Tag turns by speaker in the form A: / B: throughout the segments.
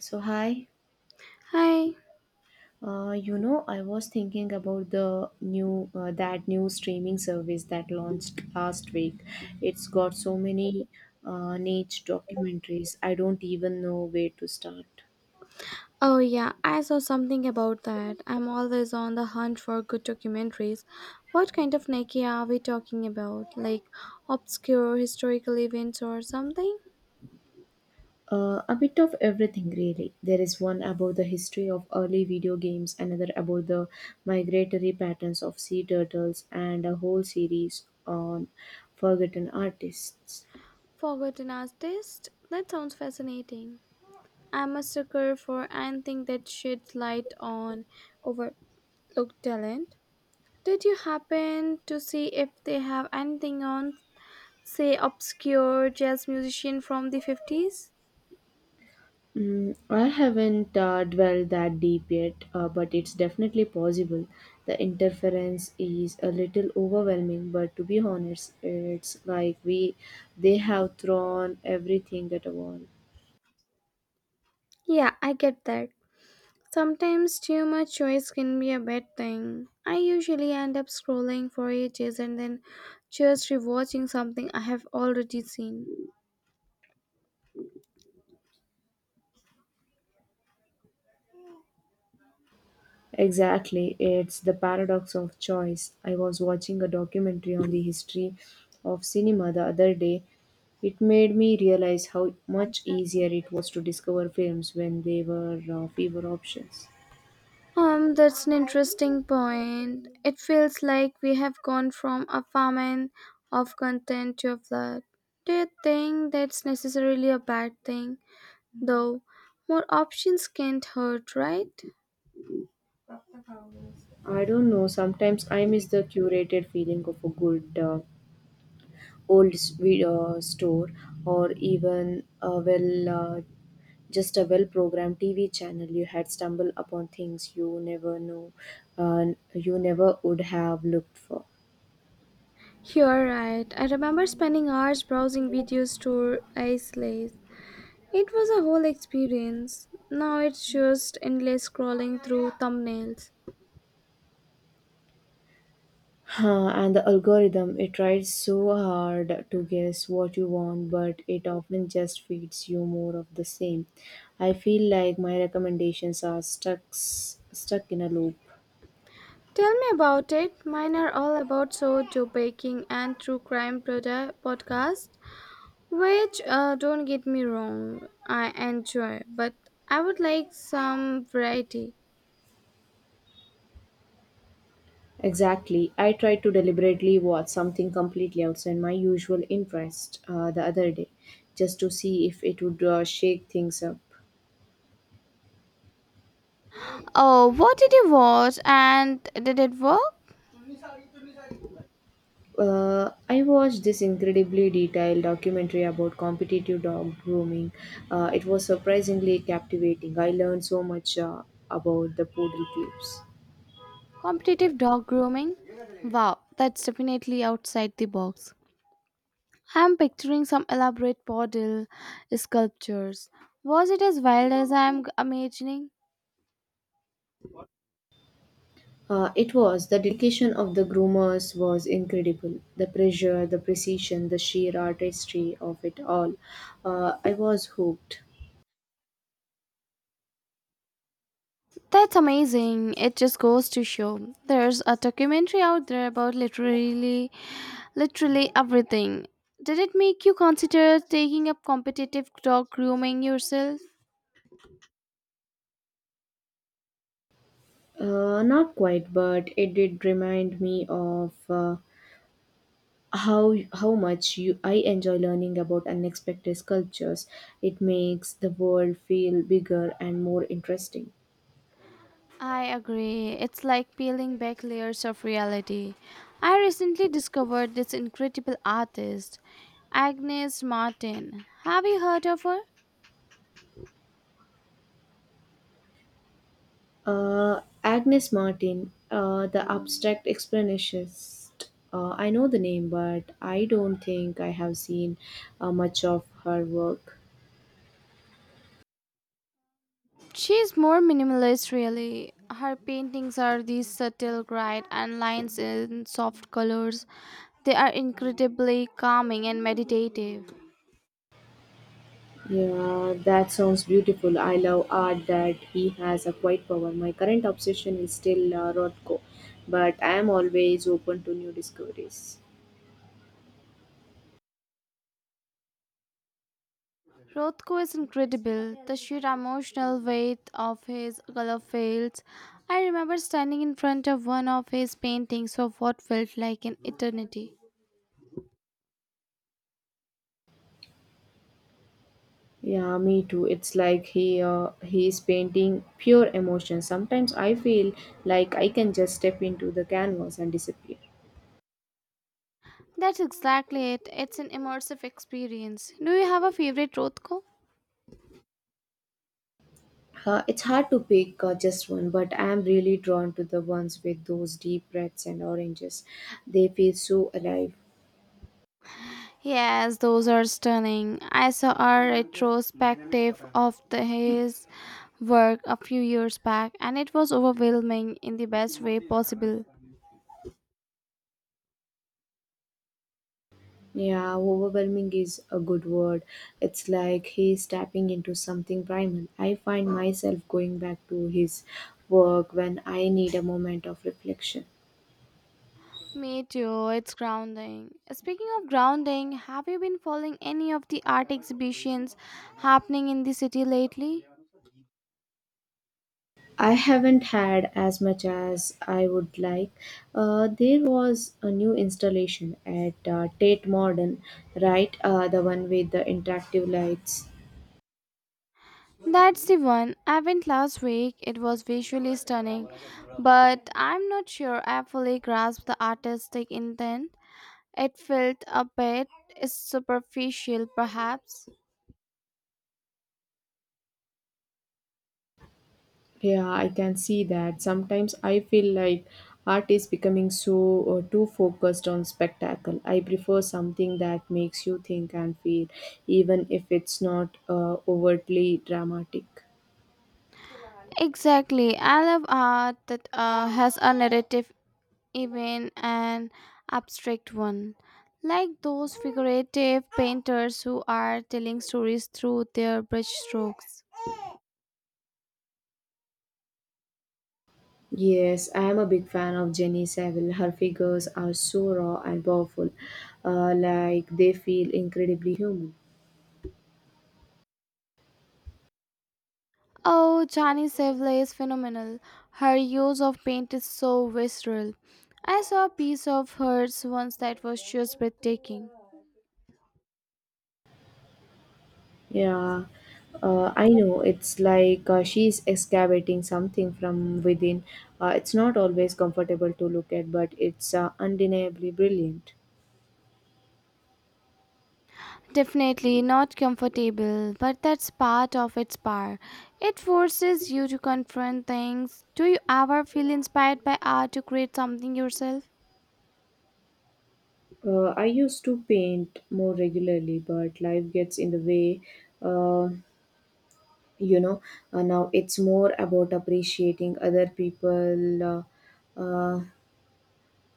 A: So hi,
B: Hi.
A: I was thinking about the new that new streaming service that launched last week. It's got so many niche documentaries. I don't even know where to start.
B: Oh, yeah, I saw something about that. I'm always on the hunt for good documentaries. What kind of Nike are we talking about? Like obscure historical events or something?
A: A bit of everything, really. There is one about the history of early video games, another about the migratory patterns of sea turtles, and a whole series on forgotten artists.
B: Forgotten artist? That sounds fascinating. I'm a sucker for anything that sheds light on overlooked talent. Did you happen to see if they have anything on, say, obscure jazz musician from the 50s?
A: Mm, I haven't dwelled that deep yet, but it's definitely possible. The interference is a little overwhelming, but to be honest, it's like we they have thrown everything at a wall.
B: Yeah, I get that. Sometimes too much choice can be a bad thing. I usually end up scrolling for ages and then just rewatching something I have already seen.
A: Exactly, it's the paradox of choice. I was watching a documentary on the history of cinema the other day. It made me realize how much easier it was to discover films when they were fewer options.
B: That's an interesting point. It feels like we have gone from a famine of content to a flood. Do you think that's necessarily a bad thing? Though, more options can't hurt, right?
A: I don't know. Sometimes I miss the curated feeling of a good store, or even just a well-programmed TV channel. You had stumbled upon things uh, you never would have looked for.
B: You're right. I remember spending hours browsing videos to isolate. It was a whole experience. Now it's just endless scrolling through thumbnails.
A: Huh, and the algorithm, it tries so hard to guess what you want, but it often just feeds you more of the same. I feel like my recommendations are stuck in a loop.
B: Tell me about it. Mine are all about sourdough baking and true crime podcast, which don't get me wrong, I enjoy, but I would like some variety.
A: Exactly. I tried to deliberately watch something completely outside my usual interest the other day, just to see if it would shake things up.
B: Oh, what did you watch and did it work?
A: I watched this incredibly detailed documentary about competitive dog grooming. It was surprisingly captivating. I learned so much about the poodle pups.
B: Competitive dog grooming? Wow, that's definitely outside the box. I'm picturing some elaborate portal sculptures. Was it as wild as I'm imagining?
A: It was The dedication of the groomers was incredible. The pressure, the precision, the sheer artistry of it all. I was hooked.
B: That's amazing. It just goes to show. There's a documentary out there about literally everything. Did it make you consider taking up competitive dog grooming yourself?
A: Not quite, but it did remind me of how much you I enjoy learning about unexpected sculptures. It makes the world feel bigger and more interesting.
B: I agree. It's like peeling back layers of reality. I recently discovered this incredible artist, Agnes Martin. Have you heard of her?
A: Agnes Martin, the abstract expressionist. I know the name, but I don't think I have seen much of her work.
B: She's more minimalist, really. Her paintings are these subtle bright and lines in soft colors. They are incredibly calming and meditative.
A: Yeah, that sounds beautiful. I love art that he has a quiet power. My current obsession is still Rothko, but I am always open to new discoveries.
B: Rothko is incredible. The sheer emotional weight of his color fields. I remember standing in front of one of his paintings for what felt like an eternity.
A: Yeah, me too. It's like he is painting pure emotion. Sometimes I feel like I can just step into the canvas and disappear.
B: That's exactly it. It's an immersive experience. Do you have a favorite Rothko?
A: It's hard to pick just one, but I am really drawn to the ones with those deep reds and oranges. They feel so alive.
B: Yes, those are stunning. I saw a retrospective of his work a few years back and it was overwhelming in the best way possible.
A: Yeah, overwhelming is a good word. It's like he's tapping into something primal. I find myself going back to his work when I need a moment of reflection.
B: Me too, it's grounding. Speaking of grounding, have you been following any of the art exhibitions happening in the city lately?
A: I haven't had as much as I would like. There was a new installation at Tate Modern, right? The one with the interactive lights.
B: That's the one. I went last week. It was visually stunning, but I'm not sure I fully grasped the artistic intent. It felt a bit superficial, perhaps.
A: Yeah, I can see that. Sometimes I feel like art is becoming so too focused on spectacle. I prefer something that makes you think and feel, even if it's not overtly dramatic.
B: Exactly. I love art that has a narrative, even an abstract one. Like those figurative painters who are telling stories through their brush strokes.
A: Yes, I am a big fan of Jenny Saville. Her figures are so raw and powerful, like they feel incredibly human.
B: Oh, Jani Sevle is phenomenal. Her use of paint is so visceral. I saw a piece of hers once that was just breathtaking.
A: Yeah, I know. It's like she's excavating something from within. It's not always comfortable to look at, but it's undeniably brilliant.
B: Definitely not comfortable, but that's part of its power. It forces you to confront things. Do you ever feel inspired by art to create something yourself?
A: I used to paint more regularly, but life gets in the way. Uh, you know, Now it's more about appreciating uh,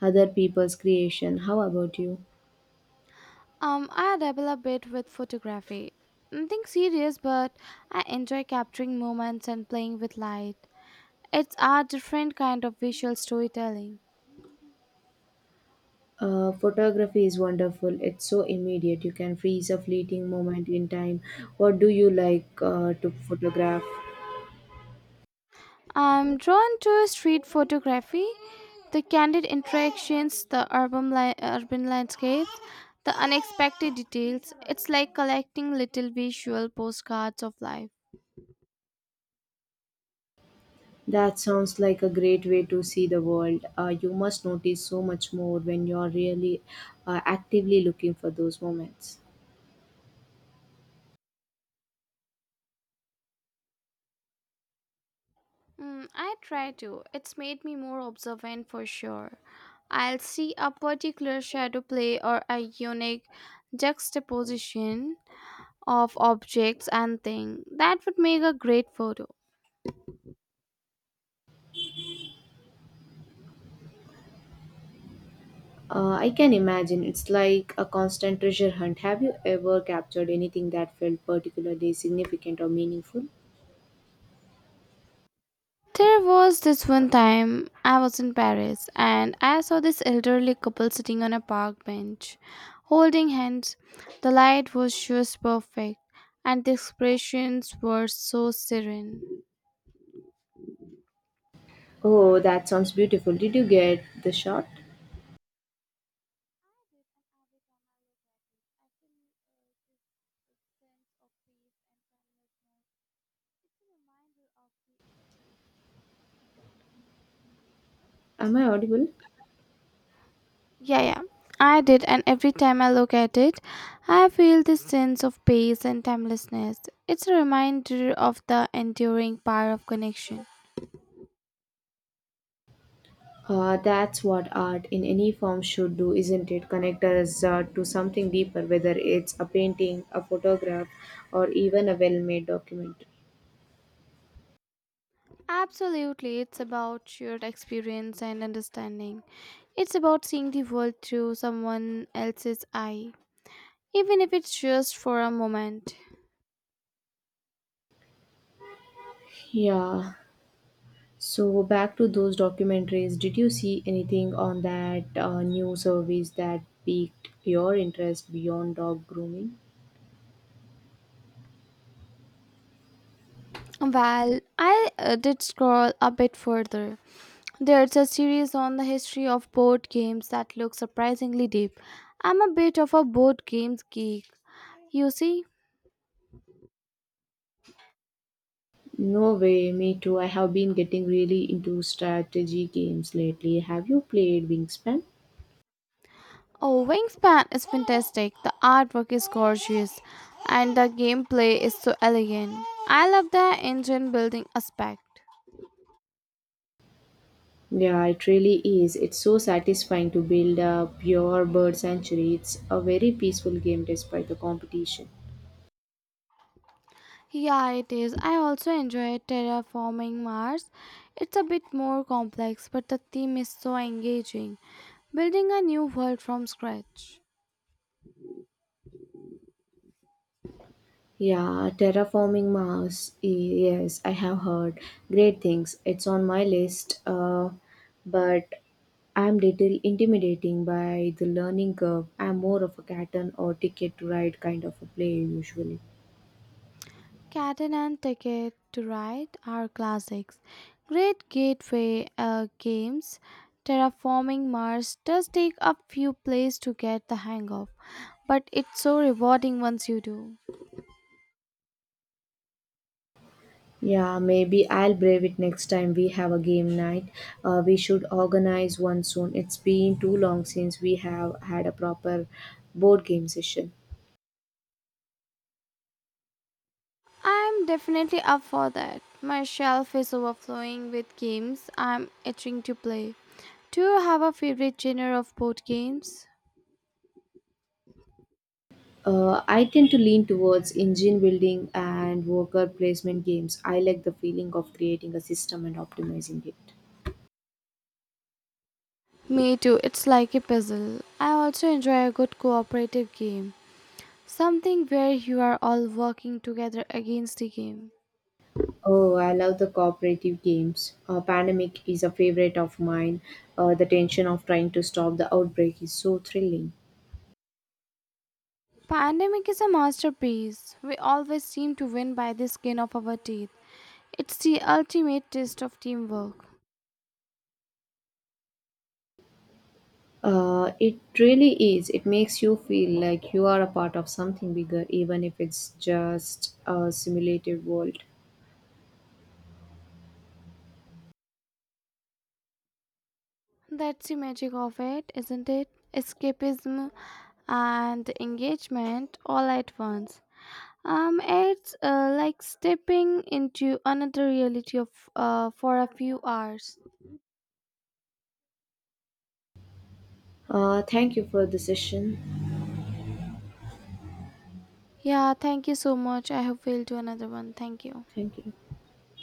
A: other people's creation. How about you?
B: I dabble a bit with photography. Nothing serious, but I enjoy capturing moments and playing with light. It's a different kind of visual storytelling.
A: Photography is wonderful. It's so immediate. You can freeze a fleeting moment in time. What do you like to photograph?
B: I'm drawn to street photography, the candid interactions, the urban landscapes, the unexpected details. It's like collecting little visual postcards of life.
A: That sounds like a great way to see the world. You must notice so much more when you're really actively looking for those moments.
B: Mm, I try to. It's made me more observant for sure. I'll see a particular shadow play or a unique juxtaposition of objects and things. That would make a great photo.
A: I can imagine it's like a constant treasure hunt. Have you ever captured anything that felt particularly significant or meaningful?
B: There was this one time I was in Paris and I saw this elderly couple sitting on a park bench, holding hands. The light was just perfect and the expressions were so serene.
A: Oh, that sounds beautiful. Did you get the shot? Am I audible?
B: Yeah, yeah. I did, and every time I look at it, I feel this sense of peace and timelessness. It's a reminder of the enduring power of connection.
A: That's what art in any form should do, isn't it? Connect us to something deeper, whether it's a painting, a photograph, or even a well made document.
B: Absolutely, it's about shared experience and understanding. It's about seeing the world through someone else's eye, even if it's just for a moment.
A: Yeah. So, back to those documentaries, did you see anything on that new service that piqued your interest beyond dog grooming?
B: Well, I did scroll a bit further. There's a series on the history of board games that looks surprisingly deep. I'm a bit of a board games geek, you see.
A: No way, me too. I have been getting really into strategy games lately. Have you played Wingspan?
B: Oh, Wingspan is fantastic. The artwork is gorgeous, and the gameplay is so elegant. I love the engine building aspect.
A: Yeah, it really is. It's so satisfying to build a pure bird sanctuary. It's a very peaceful game despite the competition.
B: Yeah, it is. I also enjoy terraforming Mars. It's a bit more complex, but the theme is so engaging. Building a new world from scratch.
A: Yeah, terraforming Mars. Yes, I have heard great things. It's on my list, but I'm little intimidating by the learning curve. I'm more of a cat and or ticket to ride kind of a player usually.
B: Catan and Ticket to Ride are classics. Great gateway games. Terraforming Mars does take a few plays to get the hang of, but it's so rewarding once you do.
A: Yeah, maybe I'll brave it next time we have a game night. We should organize one soon. It's been too long since we have had a proper board game session.
B: I'm definitely up for that. My shelf is overflowing with games I'm itching to play. Do you have a favorite genre of board games?
A: I tend to lean towards engine building and worker placement games. I like the feeling of creating a system and optimizing it.
B: Me too, it's like a puzzle. I also enjoy a good cooperative game. Something where you are all working together against the game.
A: Oh, I love the cooperative games. Pandemic is a favorite of mine. The tension of trying to stop the outbreak is so thrilling.
B: Pandemic is a masterpiece. We always seem to win by the skin of our teeth. It's the ultimate test of teamwork.
A: It really is. It makes you feel like you are a part of something bigger, even if it's just a simulated world.
B: That's the magic of it, isn't it? Escapism and engagement all at once. It's like stepping into another reality of for a few hours.
A: Thank you for the session.
B: Yeah, thank you so much. I hope we'll do another one. Thank you.
A: Thank you.